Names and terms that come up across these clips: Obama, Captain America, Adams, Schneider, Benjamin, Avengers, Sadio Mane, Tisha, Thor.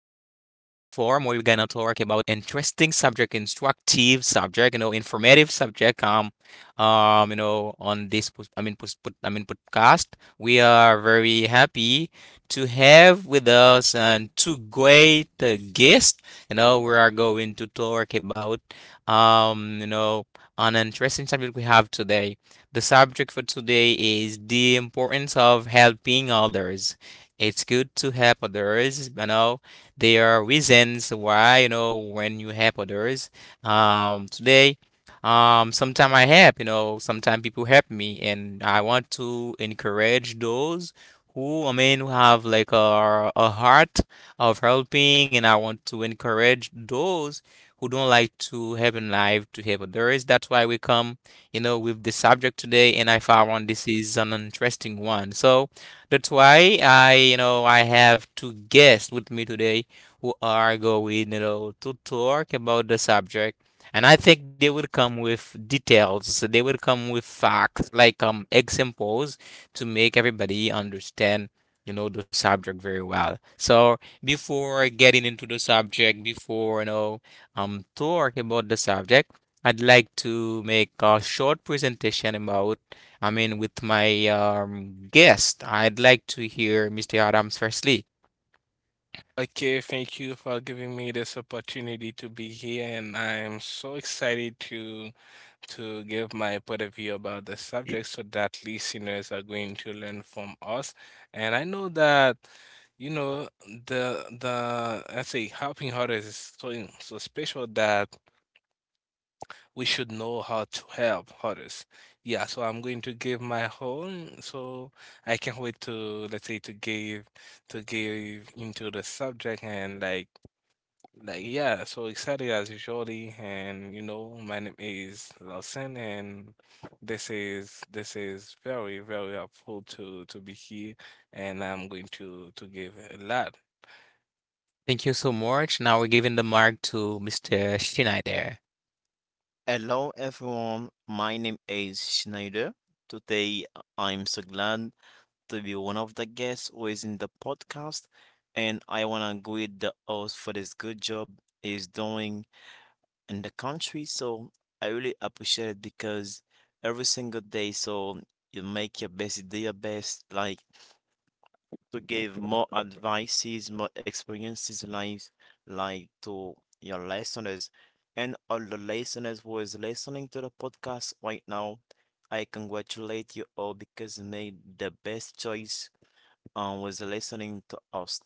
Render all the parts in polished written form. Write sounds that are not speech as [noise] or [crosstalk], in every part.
where we're gonna talk about interesting subject, instructive subject, informative subject. On this, podcast. We are very happy to have with us and two great guests. You know, we are going to talk about, um, you know, an interesting subject we have today. The subject for today is the importance of helping others. It's good to help others. You know, there are reasons why, when you help others. Um, today, sometimes I help, sometimes people help me, and I want to encourage those who, I mean, who have like a, heart of helping, and I want to encourage those who don't like to help in life to help others. That's why we come with the subject today, and I found this is an interesting one. So that's why I have two guests with me today who are going, to talk about the subject. And I think they will come with details. So they will come with facts, like examples, to make everybody understand, the subject very well. So before getting into the subject, before talk about the subject. I'd like to make a short presentation about, I mean, with my guest. I'd like to hear Mr. Adams firstly. Okay, thank you for giving me this opportunity to be here, and I am so excited to give my point of view about the subject so that listeners are going to learn from us. And I know that, the I say helping others is so special that we should know how to help others. Yeah, so I'm going to give my whole, so I can't wait to let's say to give into the subject and like, yeah, so excited as usually, and you know, my name is Lawson, and this is very, very helpful to be here, and I'm going to give a lot. Thank you so much. Now we're giving the mark to Mr. Schneider. Hello everyone, my name is Schneider. Today I'm so glad to be one of the guests who is in the podcast, and I wanna greet the host for this good job he's doing in the country. So I really appreciate it because every single day, so you make your best, you do your best. Like to give more advices, more experiences in life, like to your listeners and all the listeners who is listening to the podcast right now. I congratulate you all because you made the best choice was listening to us.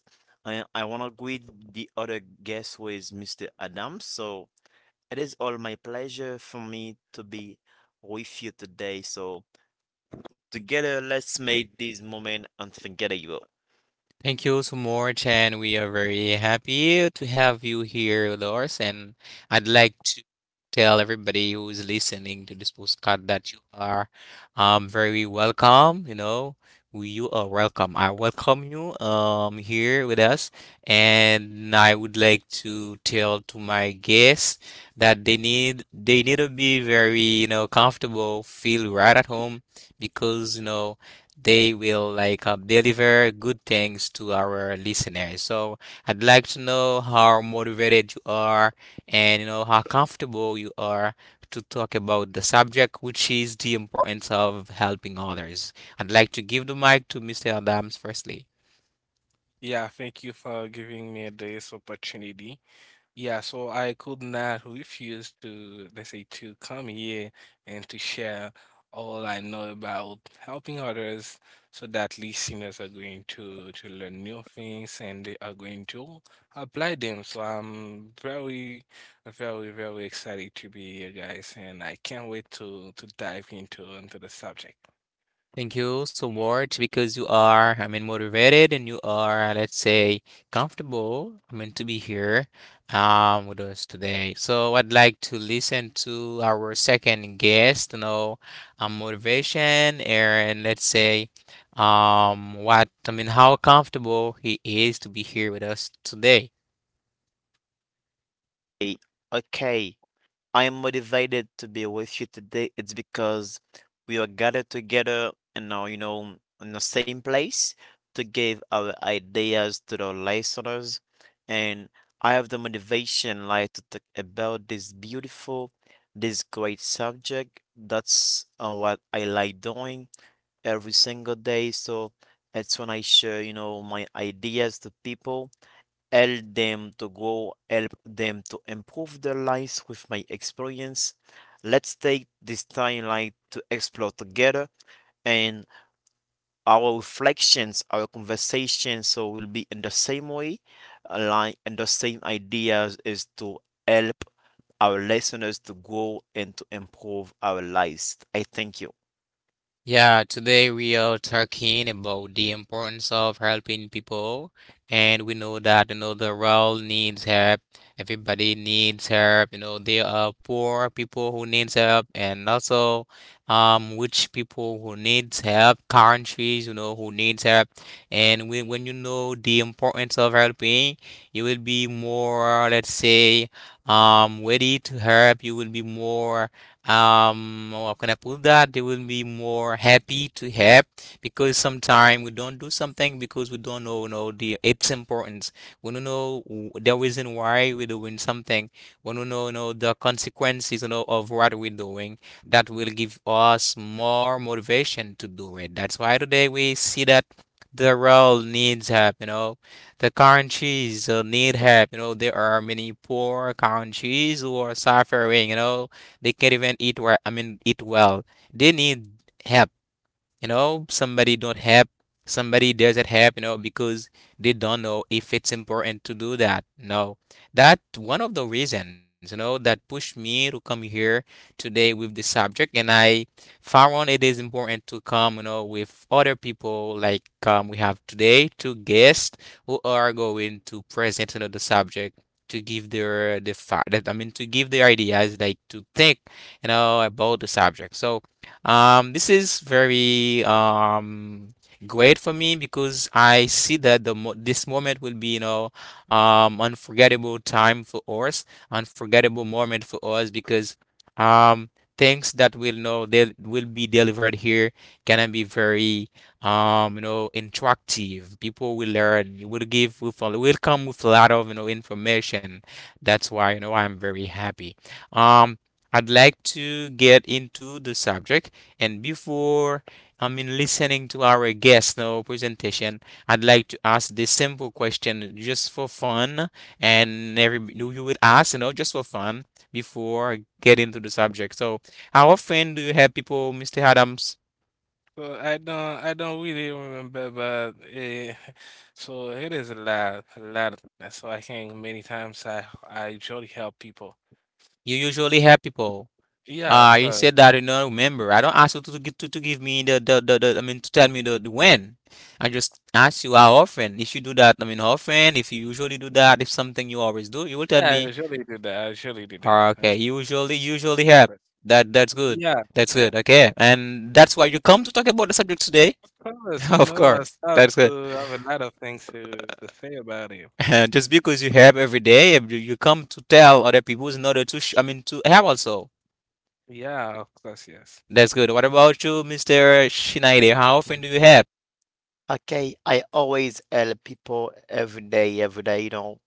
I wanna greet the other guest, who is Mr. Adams. So it is all my pleasure for me to be with you today. So together, let's make this moment unforgettable. Thank you so much, and we are very happy to have you here, with us. And I'd like to tell everybody who is listening to this postcard that you are very welcome. You know, you are welcome. I welcome you here with us, and I would like to tell to my guests that they need to be very, comfortable, feel right at home, because they will like deliver good things to our listeners. So I'd like to know how motivated you are and how comfortable you are to talk about the subject, which is the importance of helping others. I'd like to give the mic to Mr. Adams firstly. Yeah, thank you for giving me this opportunity. Yeah, so I could not refuse to, let's say, to come here and to share all I know about helping others so that listeners are going to learn new things and they are going to apply them. So I'm very, very, very excited to be here, guys, and I can't wait to dive into the subject. Thank you so much because you are, I mean, motivated and you are, let's say, comfortable, I mean, to be here with us today. So I'd like to listen to our second guest, motivation, and let's say, what, I mean, how comfortable he is to be here with us today. Eh, Okay. I am motivated to be with you today. It's because we are gathered together and now, you know, in the same place to give our ideas to the listeners. And I have the motivation, like, to talk about this beautiful, this great subject. That's what I like doing every single day. So it's when I share, you know, my ideas to people, help them to grow, help them to improve their lives with my experience. Let's take this timeline to explore together and our reflections, our conversations, so will be in the same way, align in the same ideas is to help our listeners to grow and to improve our lives. I thank you. Yeah, today we are talking about the importance of helping people, and we know that the world needs help. Everybody needs help. You know, there are poor people who needs help, and also rich people who needs help. Countries, who needs help. And when you know the importance of helping, you will be more, let's say, ready to help. You will be more, oh, how can I put that, they will be more happy to help, because sometimes we don't do something because we don't know the its importance. We don't know the reason why we're doing something. We don't know the consequences of what we're doing. That will give us more motivation to do it. That's why today we see that the world needs help. The countries need help. There are many poor countries who are suffering, they can't even eat where I mean eat well. They need help. Somebody don't help, somebody doesn't help, because they don't know if it's important to do that. No, that one of the reasons, that pushed me to come here today with the subject. And I found it is important to come, with other people, like we have today two guests who are going to present, the subject, to give their the fact that I mean to give their ideas like to think about the subject. So, this is very great for me, because I see that the mo this moment will be, unforgettable time for us, unforgettable moment for us because um things that we'll know they will be delivered here can be very, interactive. People will learn, will give, will follow, will come with a lot of information. That's why, I'm very happy. Um. I'd like to get into the subject. And before, I mean, listening to our guest now presentation, I'd like to ask this simple question just for fun, and every you would ask, just for fun before getting to the subject. So, how often do you help people, Mr. Adams? So I don't really remember, but [laughs] so it is a lot, a lot. So I think many times I usually help people. You usually help people. Yeah, of You course. said that you don't remember. I don't ask you to, give me I mean, to tell me the when. I just ask you how often. If you do that, I mean, how often, if you usually do that, if something you always do, you will tell Yeah, I me. usually do that. I usually do that. Or I okay, usually usually help usually have. others. That's good. Yeah, That's good. Okay. And that's why you come to talk about the subject today. of course. [laughs] You Of know, I course. start That's to good. have a lot of things to say about it. [laughs] Just because you have every day, you come to tell other people in order to, I mean, to have also. Yeah, of course. Yes. That's good. What about you, Mr. Schneider? How often do you have? Okay, I always help people every day, you know,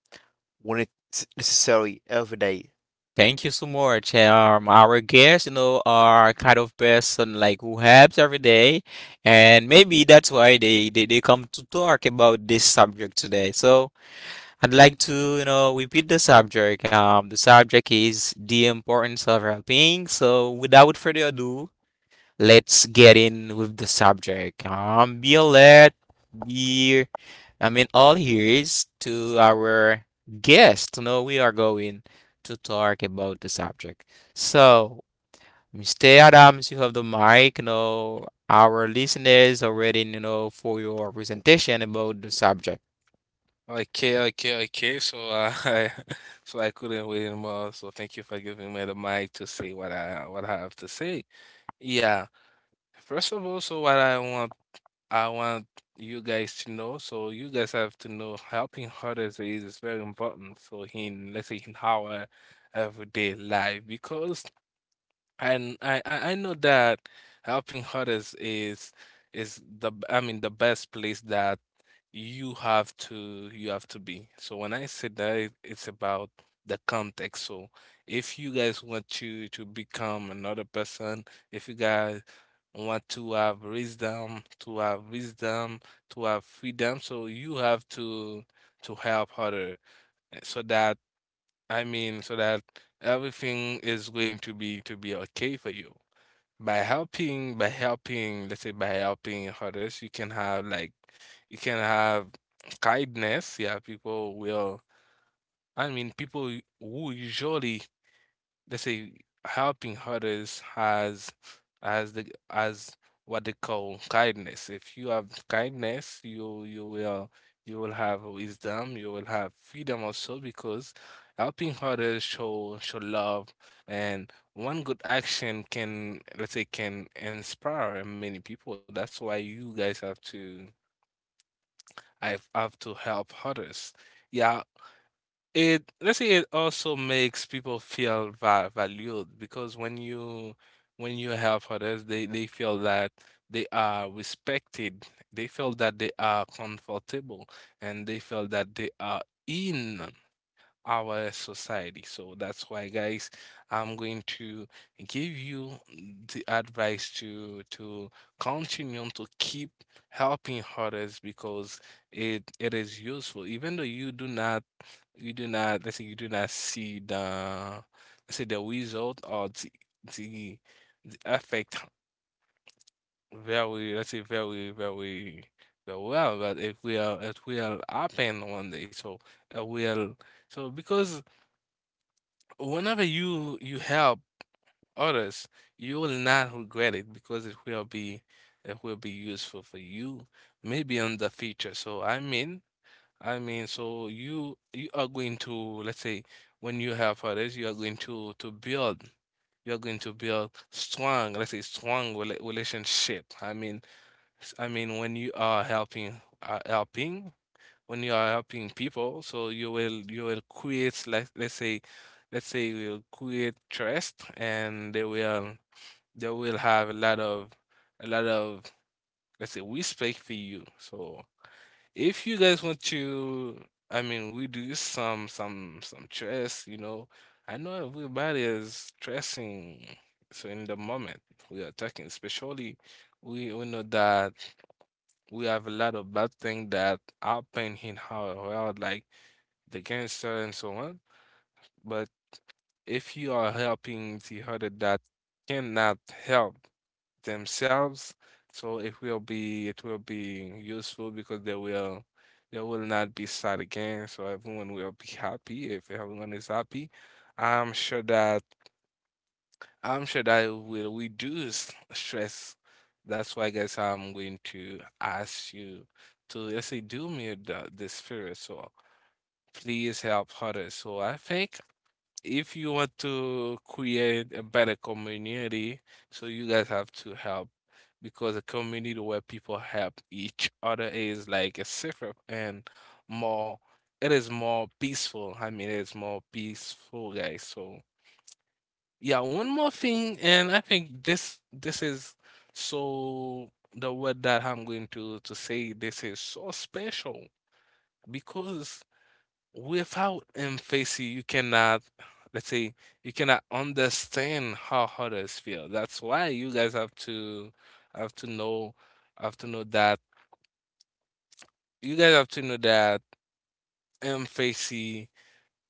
when it's necessary, every day. Thank you so much. Our guests, are kind of person like who helps every day, and maybe that's why they come to talk about this subject today. So, I'd like to, repeat the subject. The subject is the importance of helping. So, without further ado, let's get in with the subject. Be alert, be, I mean, all ears to our guest. No, we are going to talk about the subject. So, Mr. Adams, you have the mic. You know, our listeners are waiting, for your presentation about the subject. Okay, okay, okay. So [laughs] I so I couldn't wait anymore. So thank you for giving me the mic to say what I have to say. Yeah. First of all, so what I want you guys to know, so you guys have to know helping others is very important. So in let's say in our everyday life, because and I know that helping others is the b- I mean the best place that you have to be. So when I say that, it's about the context. So if you guys want to become another person, if you guys want to have wisdom, to have wisdom, to have freedom, so you have to help other so that I mean so that everything is going to be okay for you by helping let's say by helping others you can have like you can have kindness, yeah, people will, I mean people who usually, let's say, helping others has as the as what they call kindness. If you have kindness, you will have wisdom, you will have freedom also because helping others show love, and one good action can, let's say, can inspire many people. That's why you guys have to, I have to help others. Yeah, it, let's say, it also makes people feel va valued because when you help others, they feel that they are respected. They feel that they are comfortable and they feel that they are in our society. So that's why, guys, I'm going to give you the advice to continue to keep helping others because it is useful, even though you do not let's say you do not see the, let's say, the result or the, the effect very, let's say, very very very well, but it will happen one day, so it will, so because whenever you help others you will not regret it because it will be useful for you maybe in the future, so I mean, so you are going to, let's say, when you help others, you are going to build, you're going to build strong, let's say, strong relationship. I mean, I mean, when you are helping, helping, when you are helping people, so you will create, like, let's say, you will create trust, and they will have a lot of a lot of, let's say, respect for you. So. If you guys want to, I mean, we do some some stress, you know. I know everybody is stressing. So in the moment we are talking, especially we know that we have a lot of bad things that happen in our world, like the cancer and so on. But if you are helping the other that cannot help, themselves. So it will be useful because they will not be sad again. So everyone will be happy. If everyone is happy, I'm sure that I'm sure that it will reduce stress. That's why, guys, I'm going to ask you to, let's say, do me the, this favor. So please help others. So I think if you want to create a better community, so you guys have to help because a community where people help each other is like a safer and more, it is more peaceful. I mean, it's more peaceful, guys. So yeah, one more thing, and I think this is so the word that I'm going to say, this is so special because without empathy, let's say, you cannot understand how others feel. That's why you guys have to, have to know have to know that you guys have to know that empathy,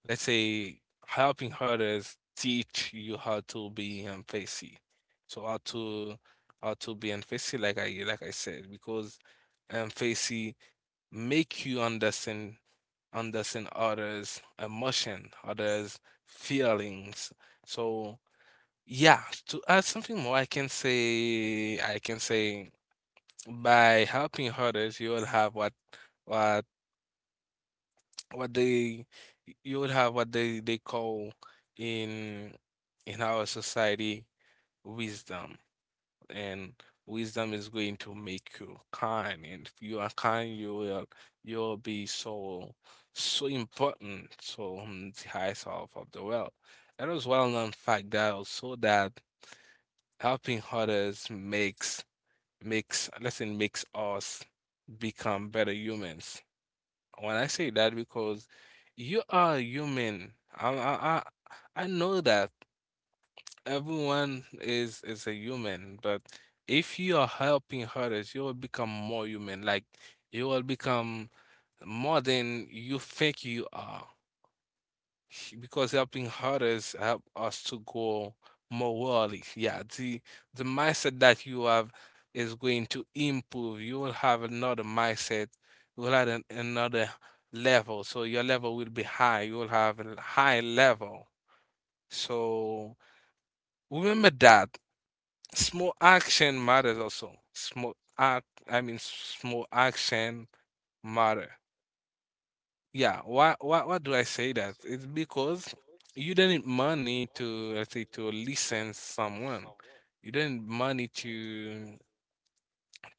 let's say, helping others teach you how to be empathy. So how to, be empathy, like I said, because empathy make you understand, others' emotion, others' feelings. So yeah, to add something more, I can say by helping others, you will have what what they you will have what they call in our society wisdom. And wisdom is going to make you kind, and if you are kind you'll be so, so important to the highest of the world. It is well known fact that also that helping others makes us become better humans. When I say that, because you are human, i i I know that everyone is a human, but if you are helping others, you will become more human. Like, you will become more than you think you are, because helping others help us to grow morally. Yeah, the mindset that you have is going to improve. You will have another mindset. You will have an, another level, so your level will be high. You will have a high level. So remember that small action matters also. Small action matter. Yeah, why do I say that? It's because you don't need money to, let's say, to listen someone. You don't need money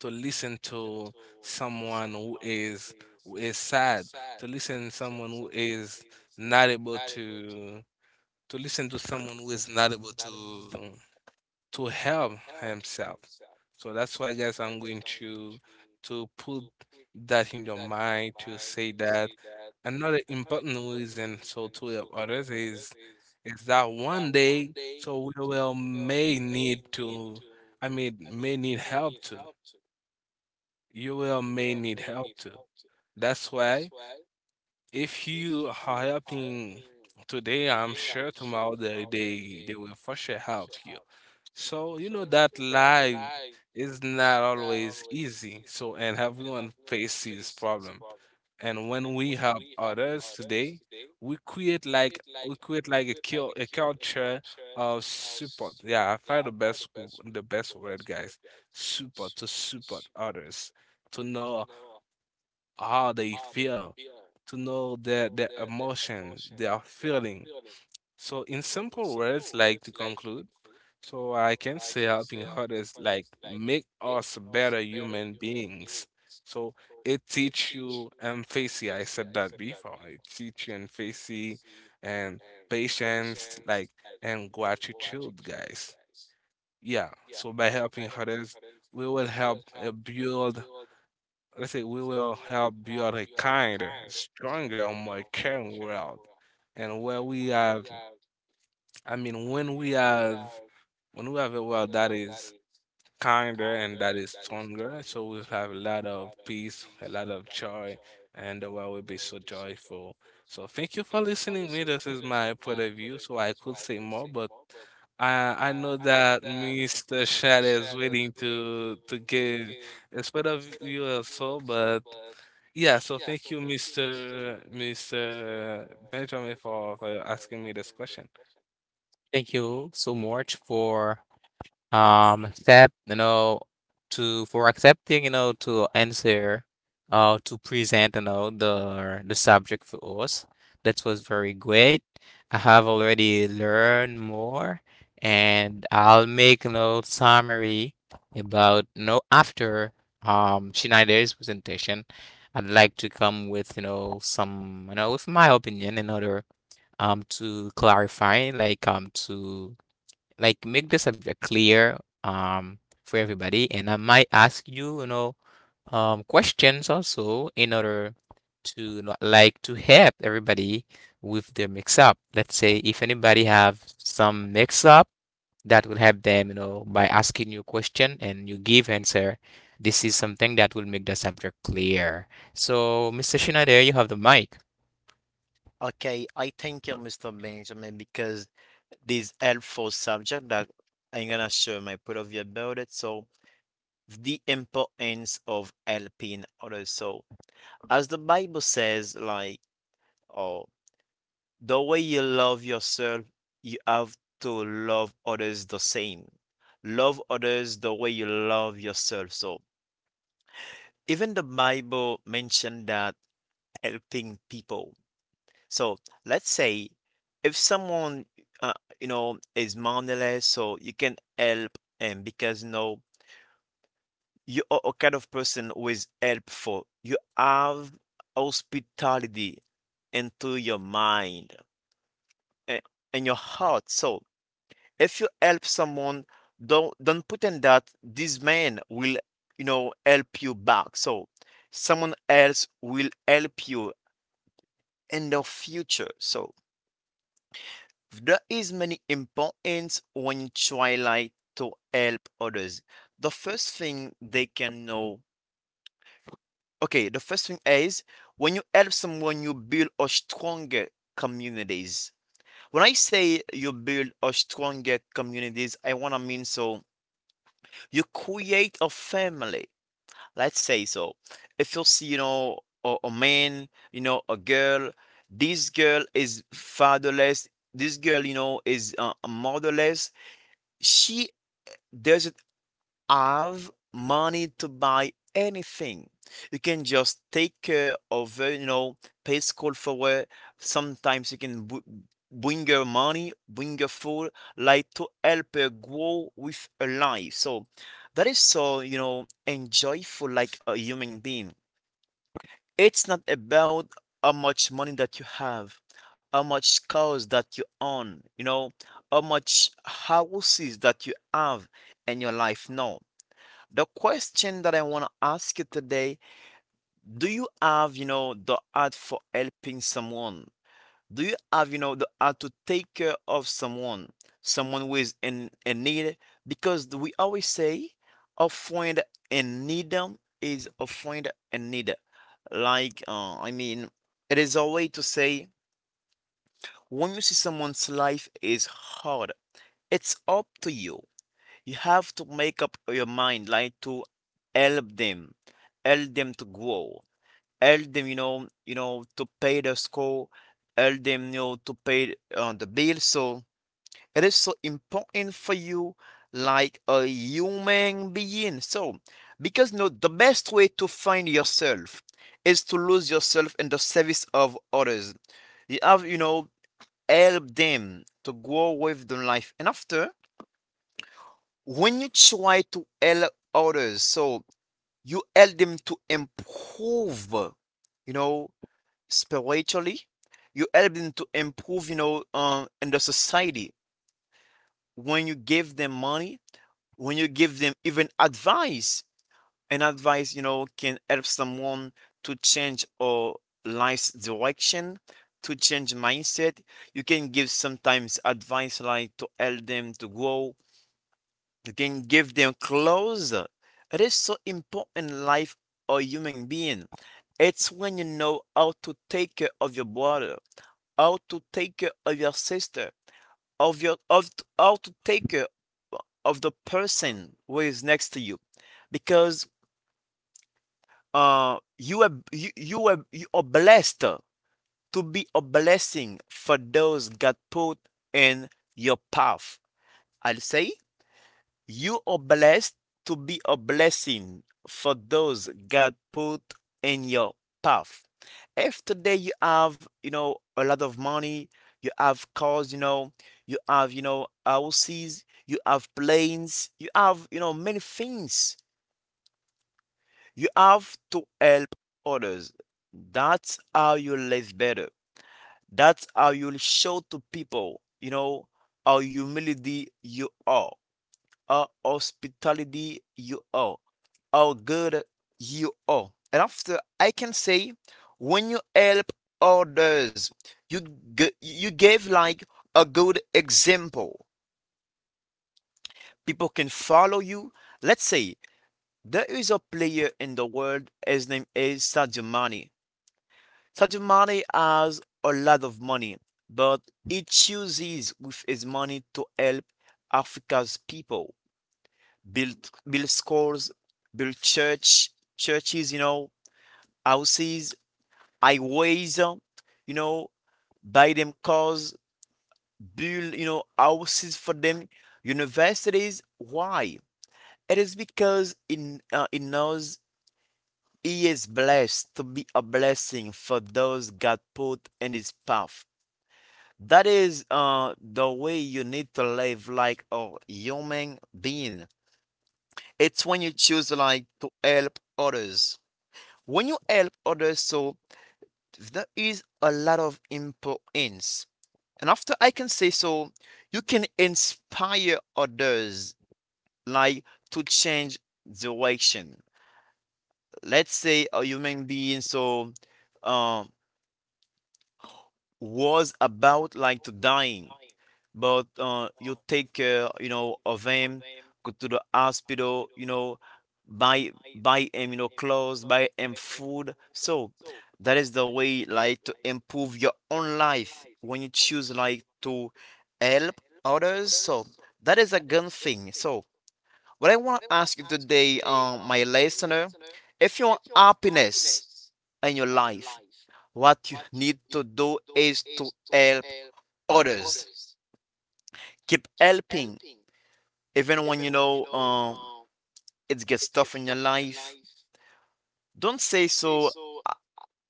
to listen to someone who is sad, to listen someone who is not able to listen to someone who is not able to help himself. So that's why, guys, I'm going to put that in your mind to say that another important reason so to help others is that one day, so we will may need to, I mean, may need help too. You will may need help too. That's why if you are helping today, I'm sure tomorrow they will for sure help you. So, you know, that life is not always easy. So, and everyone faces problem. And when we help others today, we create like a culture of support. Yeah, I find the best the best word, guys. Support, to support others, to know how they feel, to know their emotion, their feeling. So in simple words, like to conclude, so I can say helping others like make us better human beings. So it teach you empathy. I said that before. It teach you empathy and patience, like, and gratitude, guys. Yeah. So by helping others, we will help, build. Let's say we will help build a kinder, stronger, more caring world, and where we have, I mean, when we have, a world that is kinder and that is stronger, so we'll have a lot of peace, a lot of joy, and the world will be so joyful. So thank you for listening me. This is my point of view. So I could say more, but I know that Mr. Shad is waiting to give a point of view also, but yeah, so thank you, Mr. Benjamin, for, asking me this question. Thank you so much for um accept you know accepting you know to answer to present, the subject for us. That was very great. I have already learned more, and I'll make, summary about, after Schneider's presentation. I'd like to come with you know some you know with my opinion in order to clarify, like to, like, make the subject clear for everybody. And I might ask you, questions also in order to, like, to help everybody with their mix up. Let's say if anybody have some mix up, that will help them, by asking you a question and you give answer. This is something that will make the subject clear. So, Mr. Schneider, you have the mic. Okay, I thank you, Mr. Benjamin, because this helpful subject that I'm gonna share my point of view about it. So the importance of helping others. So as the Bible says, like, oh, the way you love yourself, you have to love others the same. Love others the way you love yourself. So even the Bible mentioned that helping people. So let's say if someone, uh, you know, is moneyless, so you can help him because, you know, you are a kind of person who is helpful. You have hospitality into your mind, i- in your heart. So if you help someone, don't pretend that this man will, you know, help you back. So someone else will help you in the future. So there is many importance when you try like to help others. The first thing they can know. Okay, the first thing is when you help someone, you build a stronger communities. When I say you build a stronger communities, I wanna mean so you create a family, let's say. So if you see, you know, a man, you know, a girl, this girl is fatherless, this girl, you know, is motherless, she doesn't have money to buy anything. You can just take care of, you know, pay school for it. Sometimes you can bring your money, bring your food, like to help her grow with her life. So that is so, you know, enjoyful like a human being. It's not about how much money that you have, how much cars that you own, you know, how much houses that you have in your life. No, the question that I want to ask you today, do you have, you know, the art for helping someone? Do you have, you know, the art to take care of someone, someone who is in need? Because we always say a friend in need is a friend in need. Like, I mean, it is a way to say when you see someone's life is hard, it's up to you, you have to make up your mind, like to help them, help them to grow, help them, you know, to pay the school, help them, you know, to pay the bill. So it is so important for you, like a human being. So because you know, the best way to find yourself is to lose yourself in the service of others. You have, you know, help them to grow with the life, and after when you try to help others, so you help them to improve, you know, spiritually. You help them to improve, you know, in the society. When you give them money, when you give them even advice, and advice, you know, can help someone to change or life's direction, to change mindset. You can give sometimes advice like to help them to grow. You can give them clothes. It is so important in life of a human being. It's when you know how to take care of your brother, how to take care of your sister, of your of how to take care of the person who is next to you, because you are you are you are blessed to be a blessing for those God put in your path. I'll say. You are blessed to be a blessing for those God put in your path. If today you have, you know, a lot of money, you have cars, you know, you have, you know, houses, you have planes, you have, you know, many things. You have to help others. That's how you live better. That's how you'll show to people, you know, how humility you are, how hospitality you are, how good you are. And after I can say, when you help others, you you gave like a good example. People can follow you. Let's say there is a player in the world. His name is Sadio Mane. Sadio Mane has a lot of money, but he chooses with his money to help Africa's people, build schools, build churches, you know, houses, I always, you know, buy them cars, build, you know, houses for them, universities. Why? It is because in knows he is blessed to be a blessing for those God put in his path. That is the way you need to live like a human being. It's when you choose like to help others. When you help others, so there is a lot of importance. And after I can say so, you can inspire others like to change direction. Let's say a human being so um was about like to dying, but you take care, you know, of him, go to the hospital, you know, buy him, you know, clothes, buy him food. So that is the way like to improve your own life when you choose like to help others. So that is a good thing. So what I want to ask you today, my listener, if you want happiness in your life, what you need to do is to help others. Keep helping. If anyone you know, it gets tough in your life, don't say so.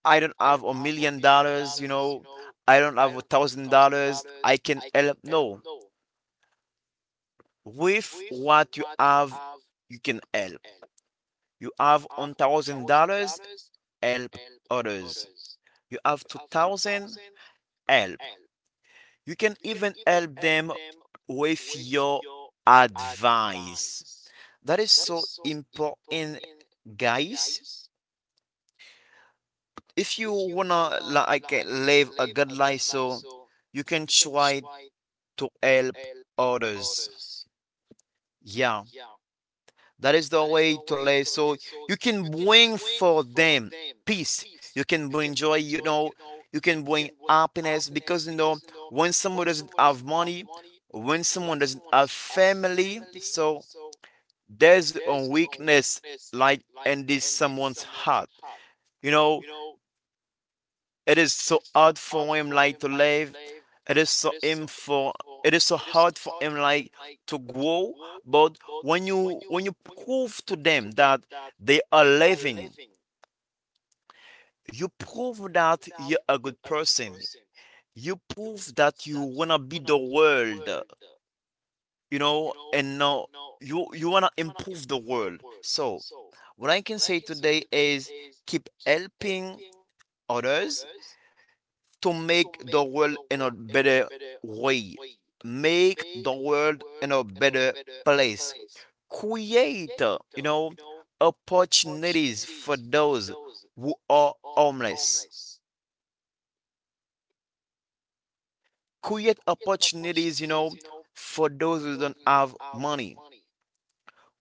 I don't have $1 million, you know. I don't have $1,000. I can help. No, with what you have, you can help. You have $1,000, help others. You have 2,000, help. You can even help them with your advice. That is so important, guys. If you wanna like live a good life, so you can try to help others. Yeah, that is the way to live. So you can bring for them peace. You can bring joy. You know, you can bring happiness because you know when someone doesn't have money, when someone doesn't have family, so there's a weakness like in this someone's heart. You know, it is so hard for him like to live. It is so him for it is so hard for him like to grow. But when you prove to them that they are living, you prove that you're a good person. You prove that you wanna be the world, you know, and now you wanna improve the world. So what I can say today is keep helping others to make the world in a better way. Make the world in a better place. Create, you know, opportunities for those who are homeless. Create opportunities, you know, for those who don't have money.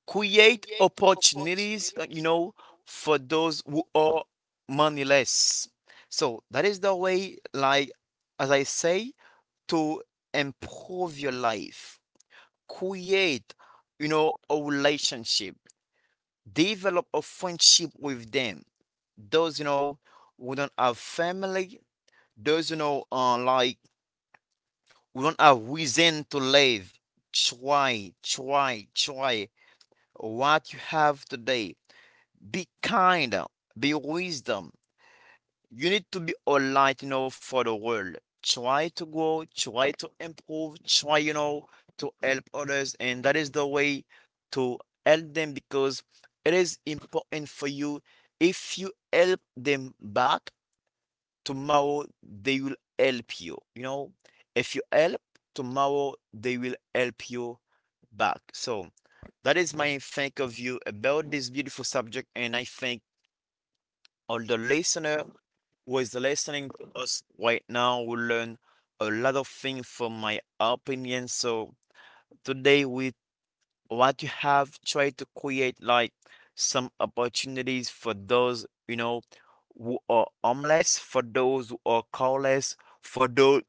Create opportunities, you know, for those who are moneyless. So that is the way, like, as I say, to improve your life. Create, you know, a relationship, develop a friendship with them, those you know we don't have family, those you know like we don't have reason to live. Try, try, try what you have today. Be kind, be wisdom. You need to be all light, you know, for the world. Try to grow, try to improve, try, you know, to help others, and that is the way to help them because it is important for you. If you help them back tomorrow, they will help you. You know, if you help tomorrow, they will help you back. So that is my think of you about this beautiful subject, and I thank all the listener who is listening to us right now will learn a lot of things from my opinion. So today with what you have try to create like some opportunities for those, who are homeless, for those who are careless, for those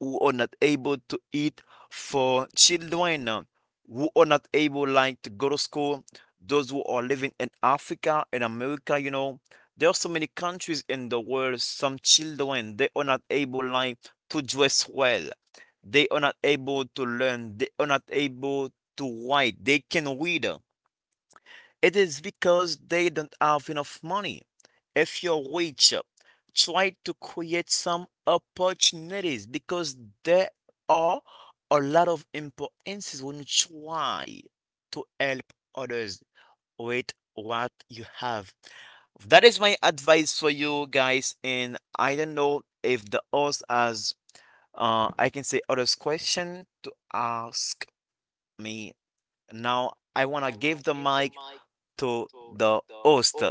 who are not able to eat, for children who are not able like to go to school, those who are living in Africa and America, you know, there are so many countries in the world, some children they are not able like to dress well. They are not able to learn. They are not able to write. They can read. It is because they don't have enough money. If you're rich, try to create some opportunities because there are a lot of importances when you try to help others with what you have. That is my advice for you guys. And I don't know if the host has, I can say, others question to ask me. Now I wanna give the mic to the host.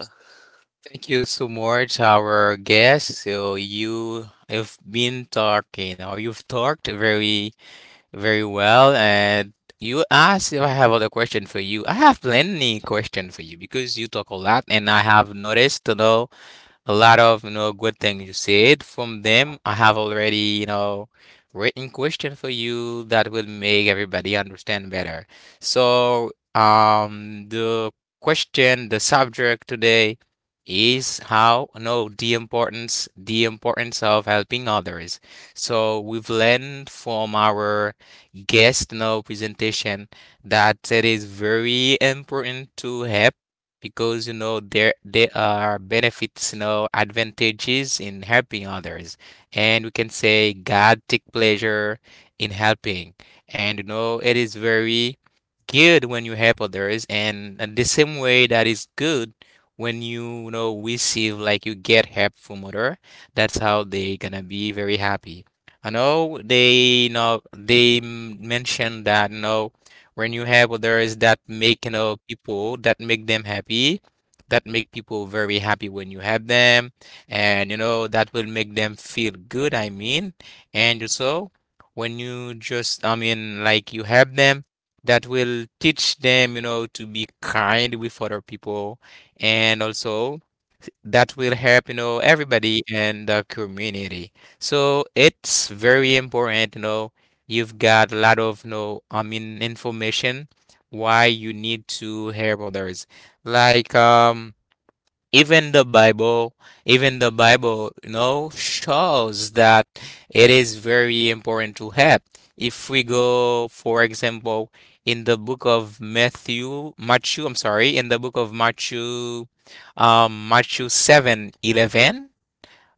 Thank you so much, our guest. So you have been talking, or you've talked very, very well, and you asked if I have other question for you. I have plenty question for you because you talk a lot, and I have noticed, a lot of, good things you said. From them, I have already, written question for you that will make everybody understand better. So, the question, the subject today is how, no, the importance of helping others. So we've learned from our guest, no, presentation, that it is very important to help, because there are benefits, advantages in helping others. And we can say God take pleasure in helping. And, it is very good when you help others, and in the same way that is good when you know receive, like you get help from other, that's how they gonna be very happy. I know they, they mentioned that, no, when you have others that make, people, that make them happy, that make people very happy when you have them, and, that will make them feel good, I mean. And also when you just, I mean, like, you have them, that will teach them, to be kind with other people. And also that will help, everybody in the community. So it's very important, you've got a lot of, I mean, information why you need to help others, like even the bible even the Bible shows that it is very important to have. If we go, for example, in the book of Matthew, Matthew, I'm sorry, in the book of Matthew, Matthew 7:11.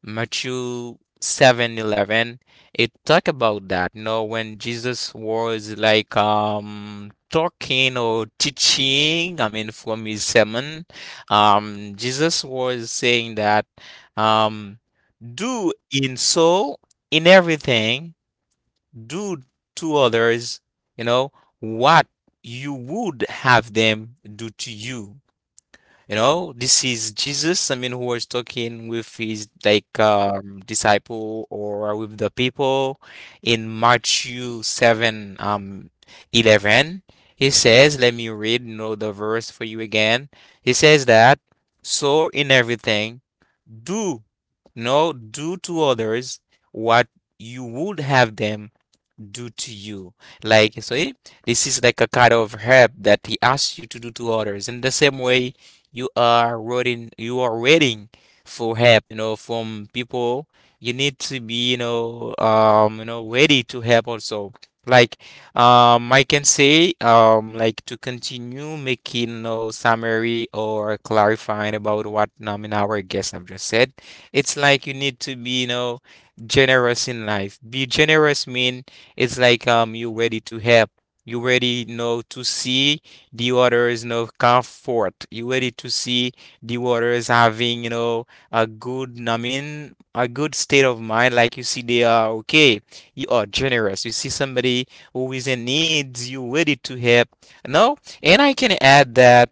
Matthew 7:11, it talk about that. You know, when Jesus was like talking or teaching, I mean from his sermon, Jesus was saying that um do in so in everything do to others, you know, what you would have them do to you. You know, this is Jesus, I mean, who was talking with his like disciple or with the people in Matthew 7 11. He says, let me read, you know, the verse for you again. He says that so in everything do no do to others what you would have them do to you. Like, so eh, this is like a kind of help that he asks you to do to others. In the same way, you are waiting for help, you know, from people. You need to be, you know, ready to help also. Like, I can say, like to continue making, you know, summary or clarifying about what, in our guests have just said. It's like you need to be, you know, generous in life. Be generous mean it's like you ready to help. You ready, you know, to see the others, you know, comfort. You ready to see the others having, you know, a good, I mean, a good state of mind. Like you see they are okay. You are generous. You see somebody who is in need, you ready to help. No, and I can add that.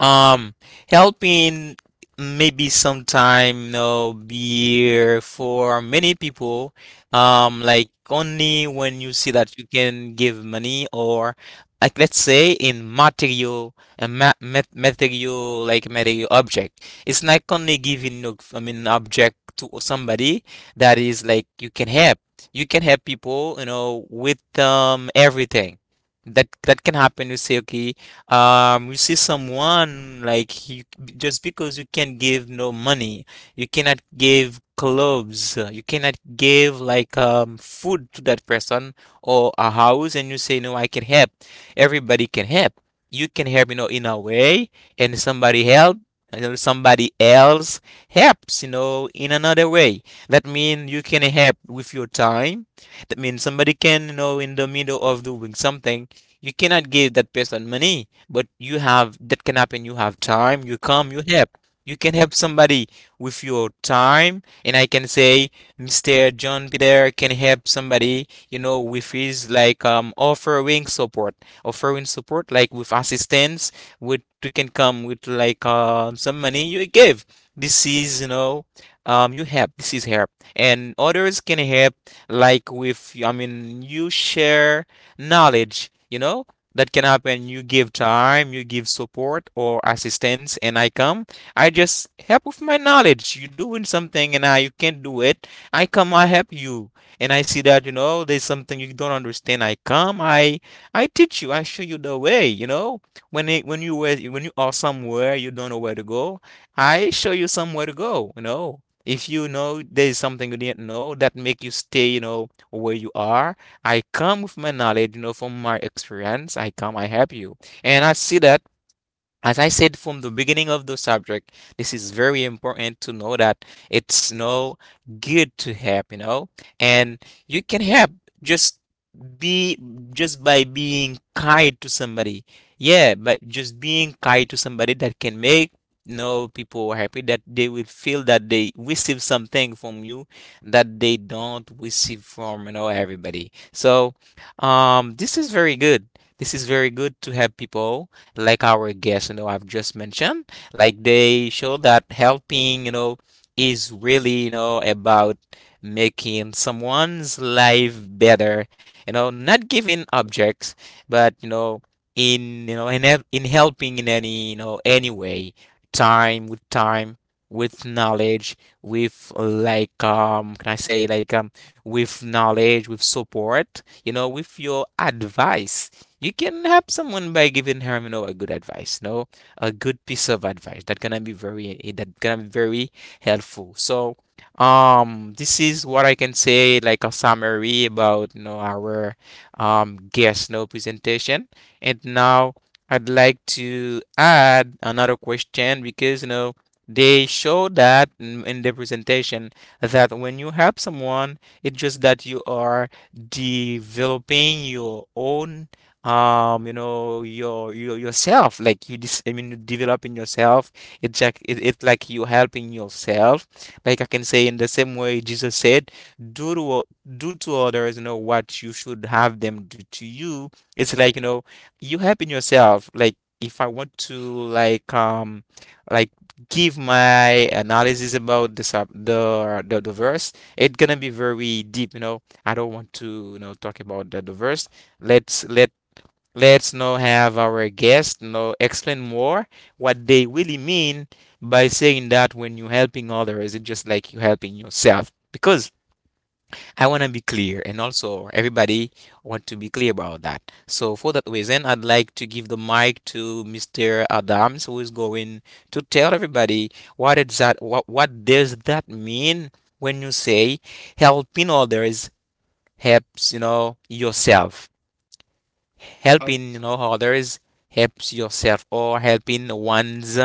Um, helping maybe sometime, you know, beer for many people. Like only when you see that you can give money or like let's say in material a ma mat material like material object. It's not only giving no I mean object to somebody that is like you can help. You can help people, you know, with everything. That can happen. You say, okay. You see someone like you just because you can't give no money, you cannot give clothes, you cannot give like food to that person or a house, and you say no, I can help. Everybody can help. You can help, you know, in a way, and somebody help, and then somebody else helps, you know, in another way. That means you can help with your time. That means somebody can, you know, in the middle of doing something you cannot give that person money but you have that can happen you have time you come you help you can help somebody with your time, and I can say Mr. John Peter can help somebody, you know, with his like offering support, like with assistance, with you can come with like some money you give. This is, you know, you help. This is help, and others can help, like with I mean you share knowledge, you know, that can happen. You give time, you give support or assistance, and I come. I just help with my knowledge. You're doing something and I you can't do it. I come, I help you. And I see that, you know, there's something you don't understand. I come, I teach you, I show you the way, you know. When you were when you are somewhere you don't know where to go, I show you somewhere to go, you know. If you know there's something you didn't know that make you stay, you know, where you are, I come with my knowledge, you know, from my experience. I come, I help you. And I see that as I said from the beginning of the subject, this is very important to know that it's no good to help, you know, and you can help just be just by being kind to somebody. Yeah, but just being kind to somebody that can make, you know, people happy, that they will feel that they receive something from you that they don't receive from, you know, everybody. So, this is very good. This is very good to help people like our guest, you know, I've just mentioned. Like they show that helping, you know, is really, you know, about making someone's life better, you know, not giving objects, but, you know, in, you know, in helping in any, you know, any way, time, with knowledge, with like can I say like with knowledge, with support, you know, with your advice. You can help someone by giving him, you know, a good advice, no, a good piece of advice that gonna be very that gonna be very helpful. So, this is what I can say, like a summary about, you know, our guest, no presentation. And now I'd like to add another question because, you know, they show that in the presentation that when you help someone, it's just that you are developing your own you know your yourself, like you dis- I mean you developing yourself. It's like you helping yourself. Like I can say in the same way Jesus said, do to o- do to others, you know, what you should have them do to you. It's like, you know, you helping yourself. Like if I want to like give my analysis about the sub the verse, it's gonna be very deep. You know, I don't want to, you know, talk about the verse. let's let Let's now have our guest now explain more what they really mean by saying that when you're helping others, it's just like you're helping yourself. Because I want to be clear, and also everybody want to be clear about that. So for that reason, I'd like to give the mic to Mr. Adams, who is going to tell everybody what is that, what does that mean when you say helping others helps, you know, yourself, helping, you know, others helps yourself, or helping one's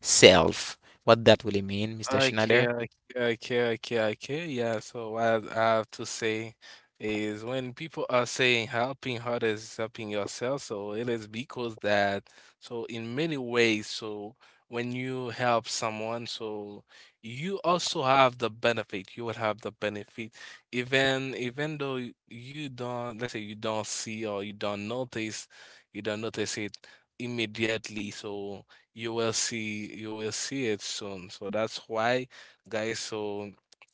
self, what that really mean, Mr. Okay, Schneider? okay, okay, okay, okay. Yeah, so what I have to say is when people are saying helping others is helping yourself, so it is because that, so in many ways, so when you help someone, so you also have the benefit. You will have the benefit, even you don't, let's say you don't see or you don't notice it immediately. So you will see it soon. So that's why, guys, so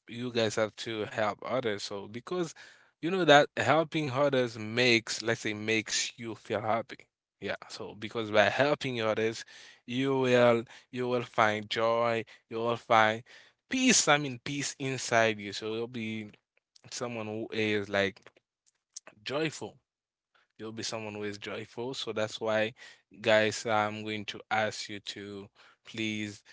you guys have to help others. So because you know that helping others makes, let's say, makes you feel happy. Yeah. So because by helping others, you will you will find joy, you will find peace. I mean peace inside you. So you'll be someone who is like joyful. You'll be someone who is joyful. So that's why, guys, I'm going to ask you to please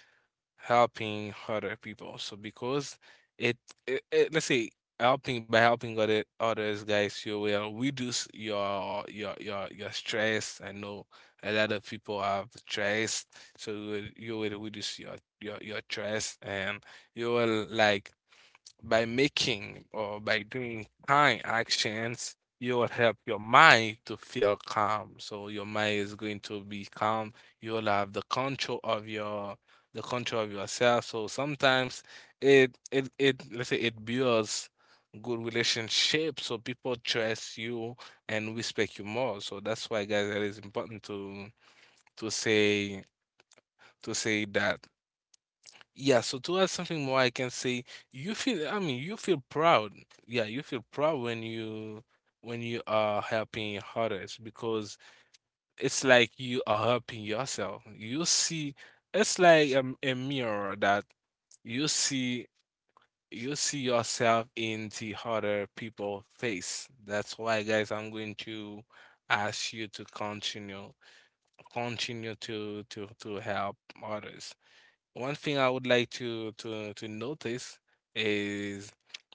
helping other people. So because it, it let's say helping by helping other others, guys, you will reduce your your stress. I know a lot of people have stress, so you will reduce your stress, and you will like by making or by doing kind actions, you will help your mind to feel calm. So your mind is going to be calm. You will have the control of yourself. So sometimes it let's say it builds good relationship so people trust you and respect you more. So that's why, guys, it is important to to say to say that yeah, so to add something more, I can say I mean, you feel proud. Yeah, you feel proud when you are helping others because it's like you are helping yourself. You see, it's like a mirror that you see you see yourself in the other people face. That's why, guys, I'm going to ask you to continue to help others. One thing I would like to notice is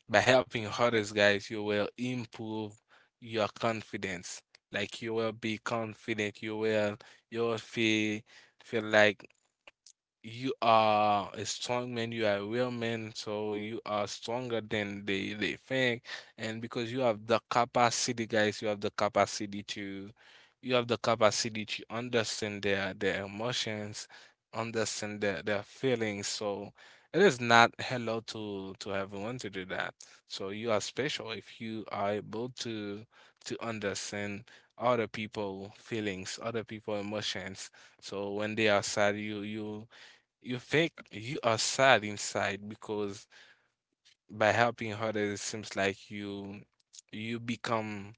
by helping others, guys, you will improve your confidence. Like you will be confident. You will feel like you are a strong man, you are a real man, so you are stronger than they think. And because you have the capacity, guys, you have the capacity to understand their emotions, understand their feelings. So it is not hello to everyone to do that. So you are special if you are able to understand other people feelings, other people emotions. So when they are sad, you think you are sad inside because by helping others, it seems like you become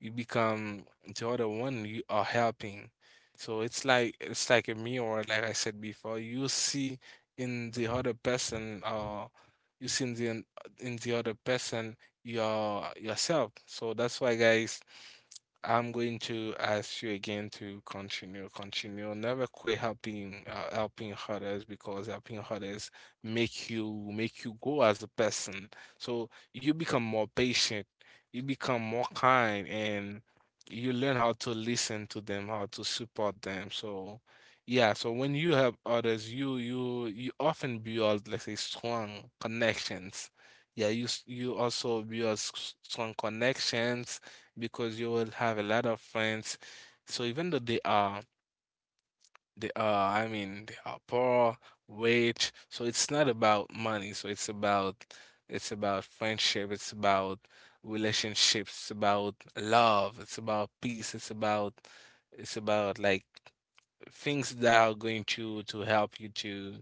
you become the other one you are helping. So it's like a mirror, like I said before. You see in the other person, or you see in the other person yourself. So that's why, guys, I'm going to ask you again to continue, continue. Never quit helping helping others because helping others make you make you grow as a person. So you become more patient, you become more kind, and you learn how to listen to them, how to support them. So yeah, so when you help others, you often build, let's say, strong connections. Yeah, you also build s- strong connections because you will have a lot of friends. So even though they are, I mean, they are poor, rich. So it's not about money. So it's about friendship. It's about relationships. It's about love. It's about peace. It's about like things that are going to help you to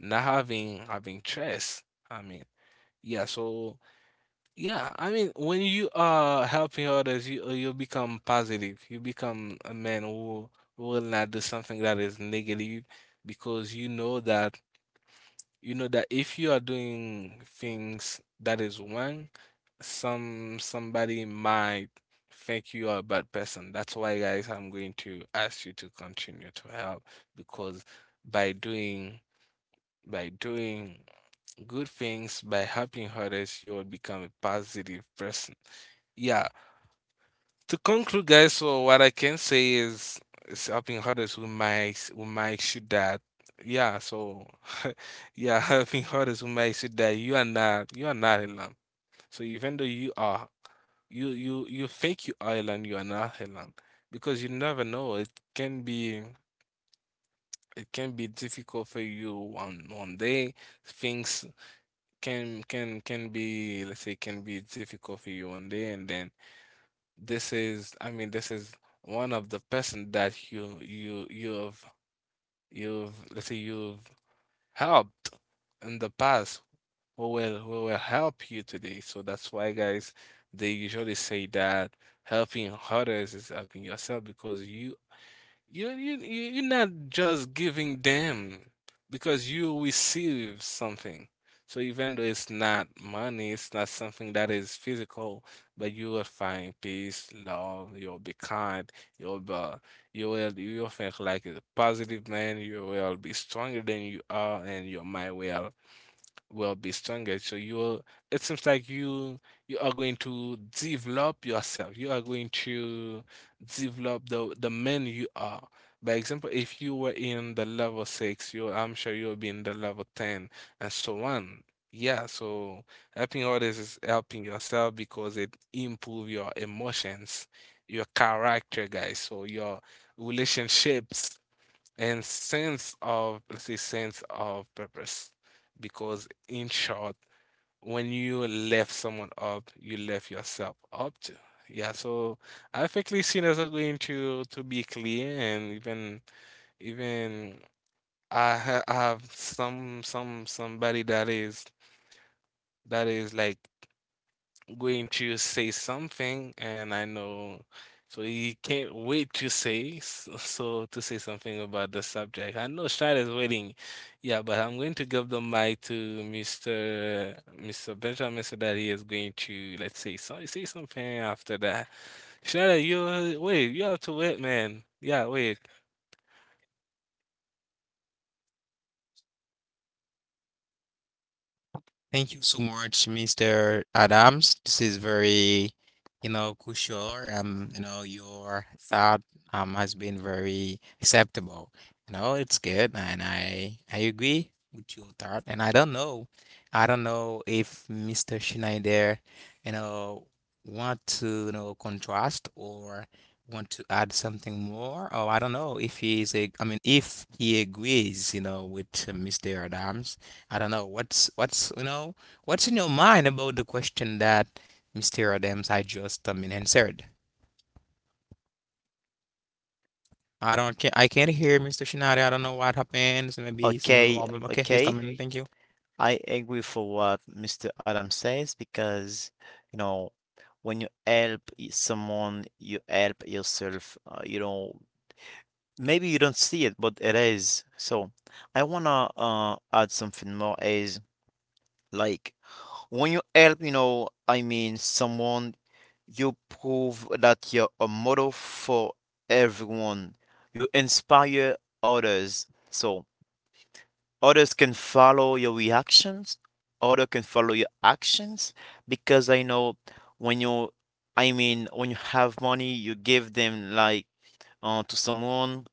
not having stress. I mean, yeah. So yeah, I mean, when you are helping others, you become positive. You become a man who will not do something that is negative because you know that if you are doing things that is wrong, somebody might think you are a bad person. That's why, guys, I'm going to ask you to continue to help because by doing by doing good things by helping others, you will become a positive person. Yeah. To conclude, guys, so what I can say is helping others will make sure that yeah. So [laughs] yeah, helping others will make sure that you are not alone. So even though you think you are alone, you are not alone because you never know. It can be difficult for you on one day. Things can be let's say can be difficult for you one day and then this is I mean this is one of the person that you- you've let's say you've helped in the past who will help you today. So that's why, guys, they usually say that helping others is helping yourself because you're not just giving them because you receive something. So even though it's not money, it's not something that is physical, but you will find peace, love. You'll be kind. You'll be you will think like a positive man. You will be stronger than you are, and your mind will be stronger. So you'll it seems like you are going to develop yourself. You are going to develop the man you are. By example, if you were in the level six, you I'm sure you'll be in the level ten and so on. Yeah, so helping others is helping yourself because it improve your emotions, your character, guys. So your relationships and sense of let's say sense of purpose because in short when you left someone up you left yourself up to. Yeah, so I think sinners are going to be clear and even I I have some somebody that is like going to say something, and I know, so he can't wait to say s- [laughs] so to say something about the subject. I know Shad is waiting, yeah, but I'm going to give the mic to Mr. Benjamin so that he is going to let's say so say something after that. Shad, you wait, you have to wait, man. Yeah, wait. Thank you so much, Mr. Adams. This is very, you know, crucial. You know, your thought has been very acceptable. You know, it's good, and I agree with your thought. And I don't know if Mr. Schneider, you know, want to, you know, contrast or want to add something more, or I don't know if I mean, if he agrees, you know, with Mr. Adams. I don't know what's, you know, what's in your mind about the question that Mr. Adams I just answered. I don't can I can't hear Mr. Shinari. I don't know what happens. Maybe some little Okay, problem. Okay, he's okay. coming. Thank you. I agree for what Mr. Adam says because, you know, when you help someone, you help yourself. You know, maybe you don't see it, but it is. So I wanna add something more is like when you help, you know, I mean, someone, you prove that you're a model for everyone. You inspire others. So. Others can follow your reactions. Other can follow your actions because I know when you, I mean, when you have money, you give them like to someone.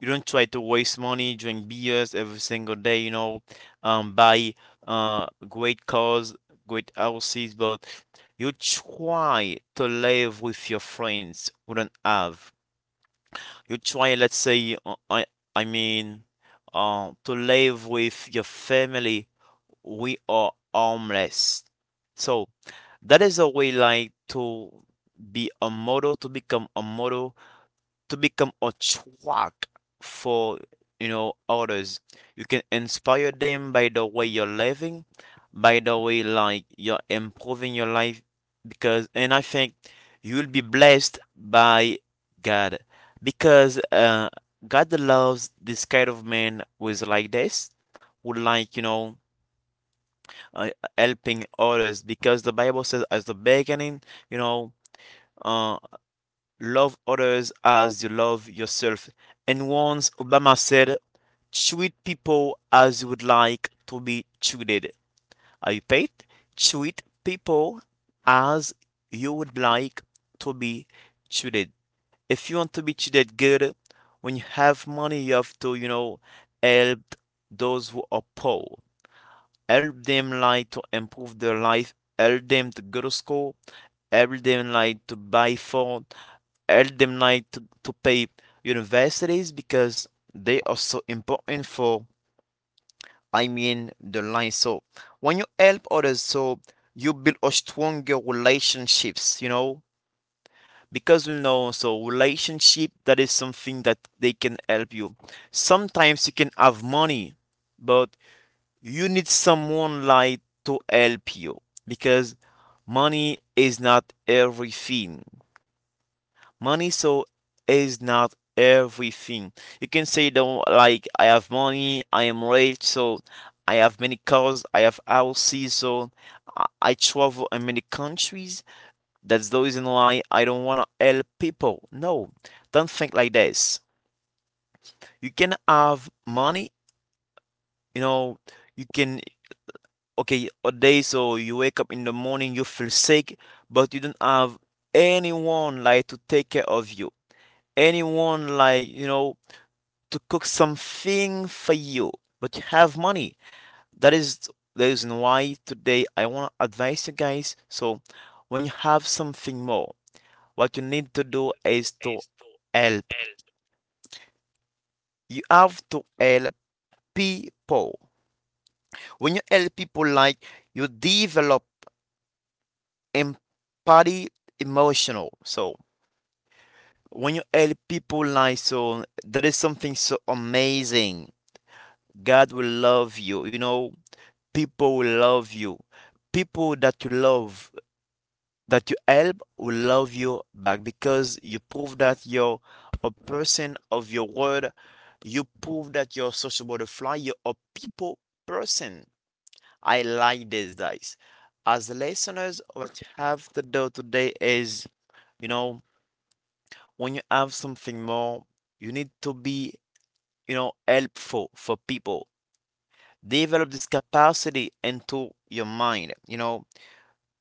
You don't try to waste money, drink beers every single day, buy great cars, great houses, but you try to live with your friends who don't have. You try, let's say, I mean, to live with your family we are harmless. So that is a way like to be a model, to become a model, to become a track for you know others. You can inspire them by the way you're living, by the way like you're improving your life because and I think you'll be blessed by God because God loves this kind of man who is like this, who like, you know, uh, helping others because the Bible says, as the beginning, you know, uh, love others as you love yourself. And once Obama said, treat people as you would like to be treated. I repeat, treat people as you would like to be treated. If you want to be treated good, when you have money, you have to, you know, help those who are poor help them like to improve their life, help them to go to school, help them like to buy food. Help them like to pay universities because they are so important for I mean the life. So when you help others, so you build a stronger relationships, you know, because we know so relationship that is something that they can help you. Sometimes you can have money, but you need someone like to help you because money is not everything money so is not everything you can say though like I have money I am rich so I have many cars I have houses so I travel in many countries that's the reason why I don't want to help people no don't think like this you can have money you know you can okay, a day so you wake up in the morning, you feel sick, but you don't have anyone like to take care of you, anyone like, you know, to cook something for you, but you have money. That is the reason why today I want to advise you guys. So, when you have something more, what you need to do is to help. You have to help people. When you help people, like you develop empathy emotional so when you help people like so that is something so amazing god will love you you know people will love you people that you love that you help will love you back because you prove that you're a person of your word you prove that you're a social butterfly you're a people person I like this guys as listeners what you have to do today is you know when you have something more, you need to be, you know, helpful for people. Develop this capacity into your mind. You know,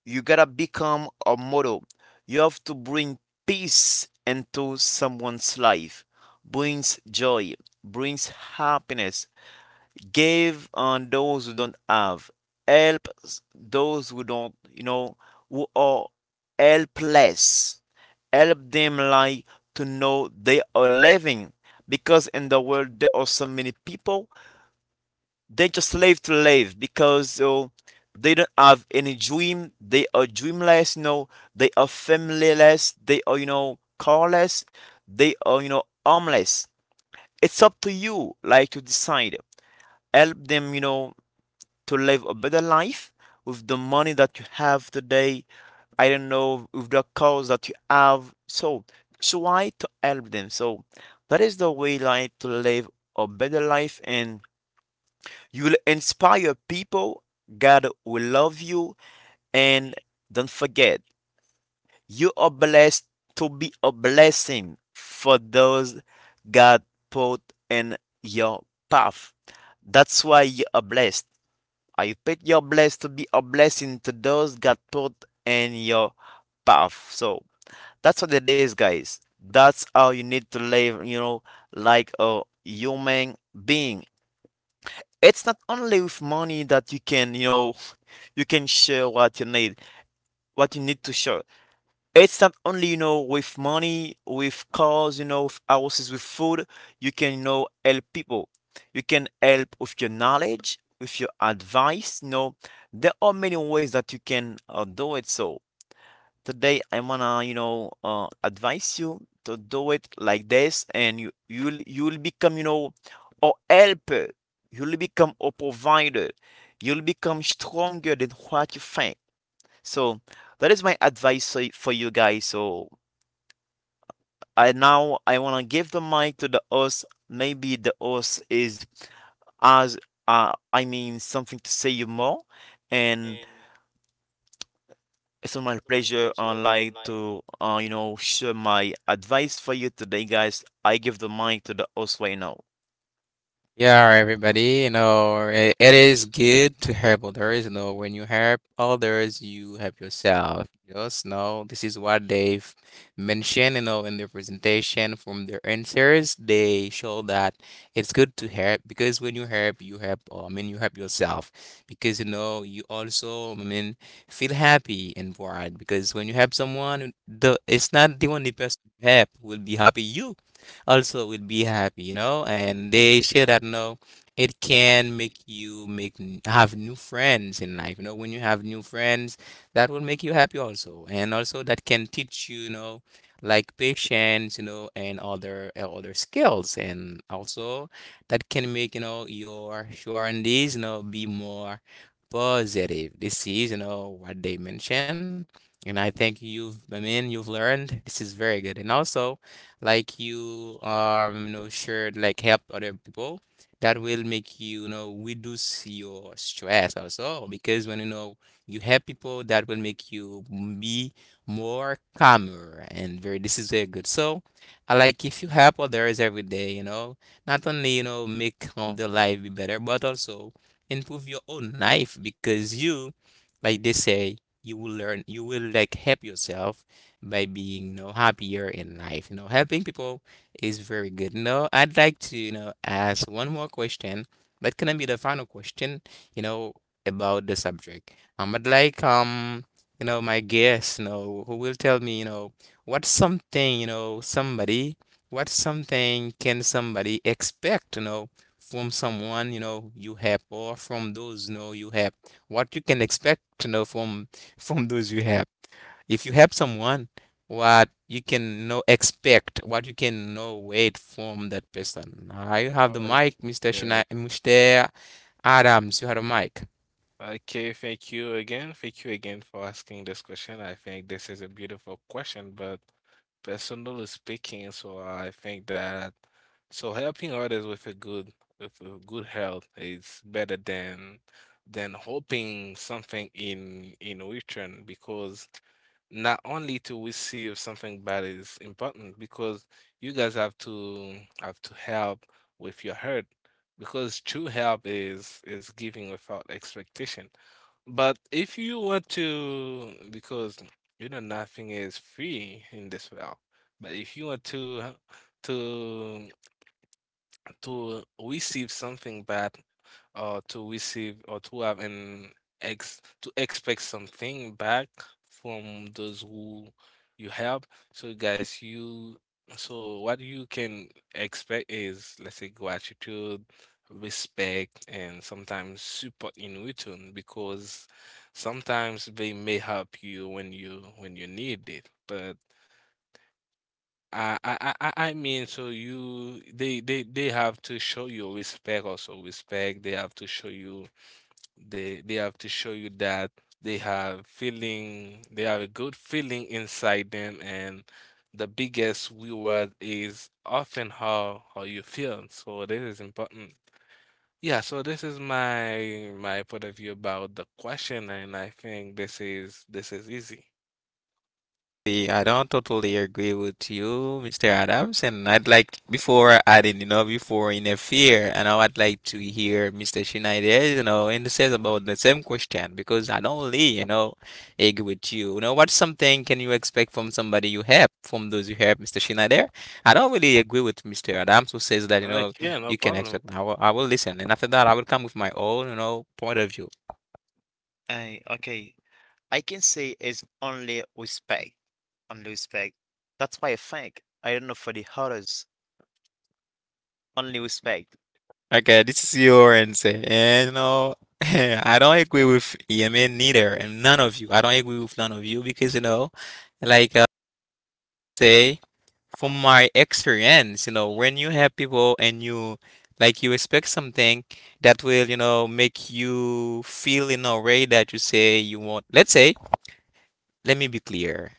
you gotta become a model. You have to bring peace into someone's life. Brings joy, brings happiness, give on those who don't have help those who don't you know who are helpless help them like to know they are living because in the world there are so many people they just live to live because they don't have any dream they are dreamless you know they are familyless they are you know carless they are you know homeless it's up to you like to decide help them you know to live a better life with the money that you have today. I don't know, with the cause that you have. So try to help them. So that is the way like to live a better life and you will inspire people. God will love you and don't forget you are blessed to be a blessing for those God put in your path. That's why you are blessed. I pray you're blessed to be a blessing to those God put in your path. So that's what it is, guys. That's how you need to live, you know, like a human being. It's not only with money that you can, you know, you can share what you need to share. It's not only, you know, with money, with cars, you know, with houses, with food. You can, you know, help people. You can help with your knowledge, with your advice. You know, there are many ways that you can do it. So today I want to you know, advise you to do it like this, and you'll become, you know, a helper. You'll become a provider. You'll become stronger than what you think. So that is my advice for you guys. So I now I wanna give the mic to the host. Maybe the host is as I mean something to say you more, and it's my pleasure like to you know share my advice for you today, guys. I give the mic to the host right now. Yeah, all right, everybody. You know, it is good to help others. You know, when you help others, you help yourself. Just know this is what they've mentioned. You know, in their presentation, from their answers, they show that it's good to help because when you help, you help, I mean, you help yourself because you know you also, I mean, feel happy and proud because when you help someone, the it's not the only person you help will be happy. You also will be happy, you know. And they share that, you know, it can make you have new friends in life. You know, when you have new friends, that will make you happy also, and also that can teach you, you know, like patience, you know, and other skills, and also that can make, you know, your surroundings, you know, be more positive. This is, you know, what they mentioned. And I think I mean, you've learned. This is very good. And also, like you you know should like help other people. That will make you, you know, reduce your stress also because when you know you help people, that will make you be more calmer, and very this is very good. So I like if you help others every day, you know, not only, you know, make the life be better but also improve your own life because you, like they say, you will learn, you will like help yourself by being, you know, happier in life. You know, helping people is very good. You know, I'd like to, you know, ask one more question that can be the final question, you know, about the subject. I'd like you know my guest, you know, who will tell me, you know, what's something you know somebody what's something can somebody expect, you know, from someone, you know, you help, or from those, you know, you help, what you can expect, you know, from those you help. If you help someone, what you can know expect, what you can know wait from that person. I have All the right. mic, Mr. Yeah, Shina, Mr. Adams, you have a mic. okay, thank you again. Thank you again for asking this question. I think this is a beautiful question, but personally speaking, so I think that so helping others with a good health is better than hoping something in return because not only to receive something bad is important because you guys have to help with your hurt because true help is giving without expectation but if you want to, because you know nothing is free in this world, but if you want to to receive something bad, or to receive or to have an ex to expect something back from those who you help. So guys, you so what you can expect is let's say gratitude, respect, and sometimes support in return because sometimes they may help you when you need it. But I mean, so you they have to show you respect also respect. They have to show you they have to show you that they have feeling, they have a good feeling inside them, and the biggest reward is often how you feel. So this is important. Yeah, so this is my point of view about the question, and I think this is easy. See, I don't totally agree with you, Mr. Adams, and I'd like before adding, you know, before interfere, and I would like to hear Mr. Schneider, and says about the same question because I don't really, agree with you. What's something can you expect from somebody you help, from those you help, Mr. Schneider? I don't really agree with Mr. Adams who says that, Mm-hmm. Okay, you no can problem. expect. I will listen, and after that, I will come with my own, point of view. I Okay. I can say it's only respect. Only respect. That's why I think. I don't know for the others. Only respect. Okay, this is your answer. And [laughs] I don't agree with Yemen neither, and none of you. I don't agree with none of you because, like uh, say, from my experience, when you have people and you like you expect something that will, make you feel in a way that you say you want. Let's say, let me be clear.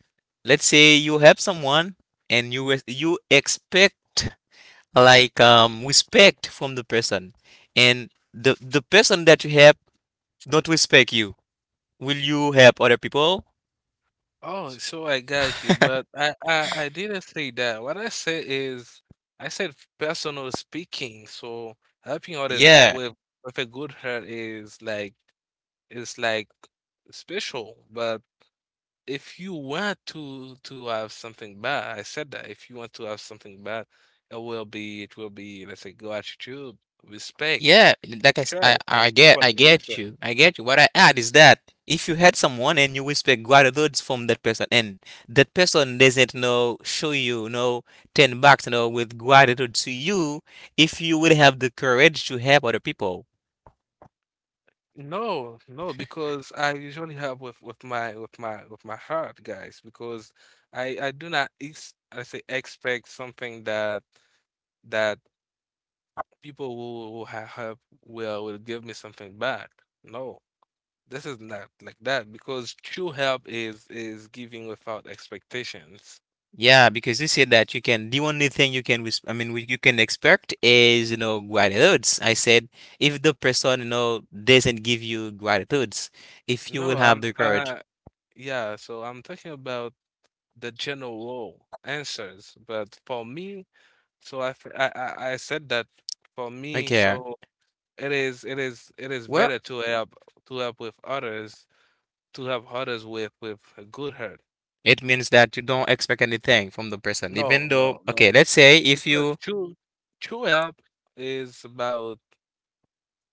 Let's say you help someone and you expect like respect from the person, and the person that you help don't respect you. Will you help other people? Oh, so I got you, but I didn't say that. What I said is, I said personal speaking. So helping others Yeah, with a good heart is like is like special. But if you want to have something bad, I said that if you want to have something bad, it will be let's say gratitude, respect, yeah, like trust, and support. I get you, I get you. What I add is that if you had someone and you expect gratitude from that person, and that person doesn't know, show you, no, $10, with gratitude to you, if you would have the courage to help other people, No, no, because I usually have with my with my heart, guys, because I do not ex I say expect something that that people who have help will give me something back. No, this is not like that because true help is giving without expectations. yeah, because you said that you can, the only thing you can, I mean, what you can expect is, gratitudes. I said, if the person, doesn't give you gratitudes, if you will No, have I'm the courage, yeah, so I'm talking about the general answers, but for me. So I, f- I said that for me, okay, so it is better where to help with others to help others with a good heart. it means that you don't expect anything from the person, No, even though, no, no. okay, let's say if Because you, true help is about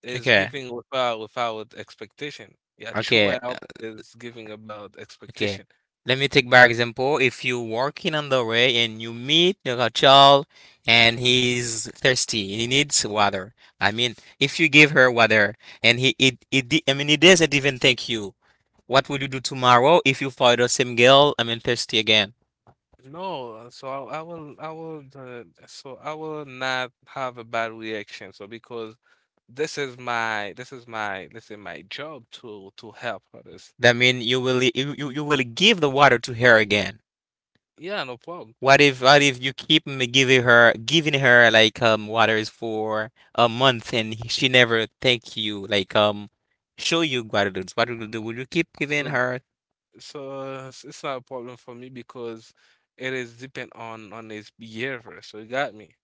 is okay, giving without expectation. Yeah, true okay, help is giving about okay. expectation. Let me take by example. If you're walking on the way and you meet a child and he's thirsty and he needs water, I mean, if you give her water and he, it, di- I mean, he doesn't even thank you. What will you do tomorrow if you find the same girl, I mean, thirsty again? No, so I will not have a bad reaction. So because this is my job to help others. That mean you will you will give the water to her again. Yeah, no problem. What if you keep giving her like water is for a month, and she never thank you, like, show you gratitude? What will you do? Will you keep giving So her? It's not a problem for me because it is depend on his behavior. So you got me.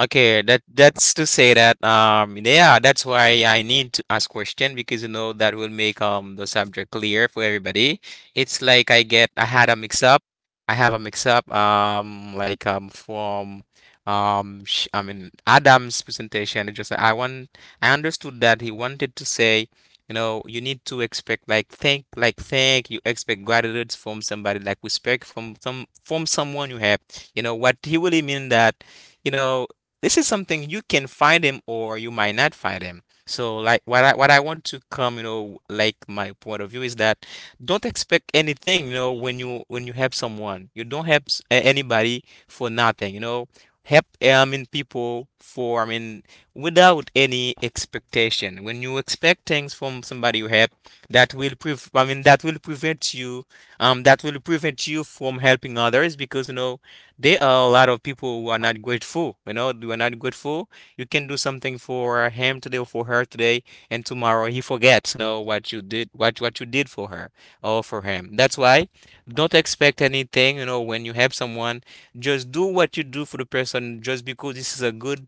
Okay, that's to say that, yeah, that's why I need to ask question, because you know that will make the subject clear for everybody. It's like, I had a mix up. I have a mix up, like, from sh I mean Adam's presentation. It just, I understood that he wanted to say, you know, you need to expect like thank, like thank, you expect gratitude from somebody, like respect from someone you have. You know what he really mean, that, you know this is something you can find him or you might not find him. So like, what I want to come, like, my point of view is that don't expect anything, when you help someone. You don't help anybody for nothing, you know. Help, I mean, people for, I mean, without any expectation. When you expect things from somebody you help, that will prove I mean that will prevent you, from helping others, because you know there are a lot of people who are not grateful. You are not grateful. You can do something for him today or for her today, and tomorrow he forgets, what you did, what you did for her or for him. That's why don't expect anything. When you help someone, just do what you do for the person, just because this is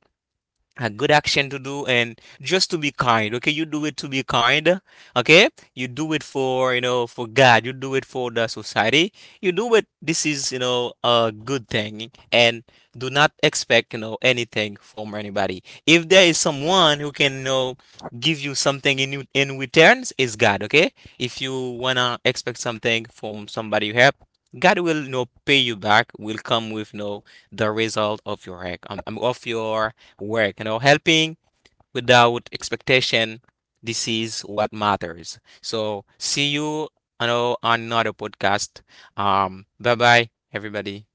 a good action to do and just to be kind. Okay, you do it to be kind. Okay, you do it for, you know, for God. You do it for the society. You do it, this is, you know, a good thing, and do not expect, you know, anything from anybody. If there is someone who can, you know, give you something in in returns, is God. Okay, if you wanna expect something from somebody you help, God will, you know, pay you back, will come with, you know, the result of your act, of your work. Helping without expectation. This is what matters. So see you, on another podcast. Bye bye, everybody.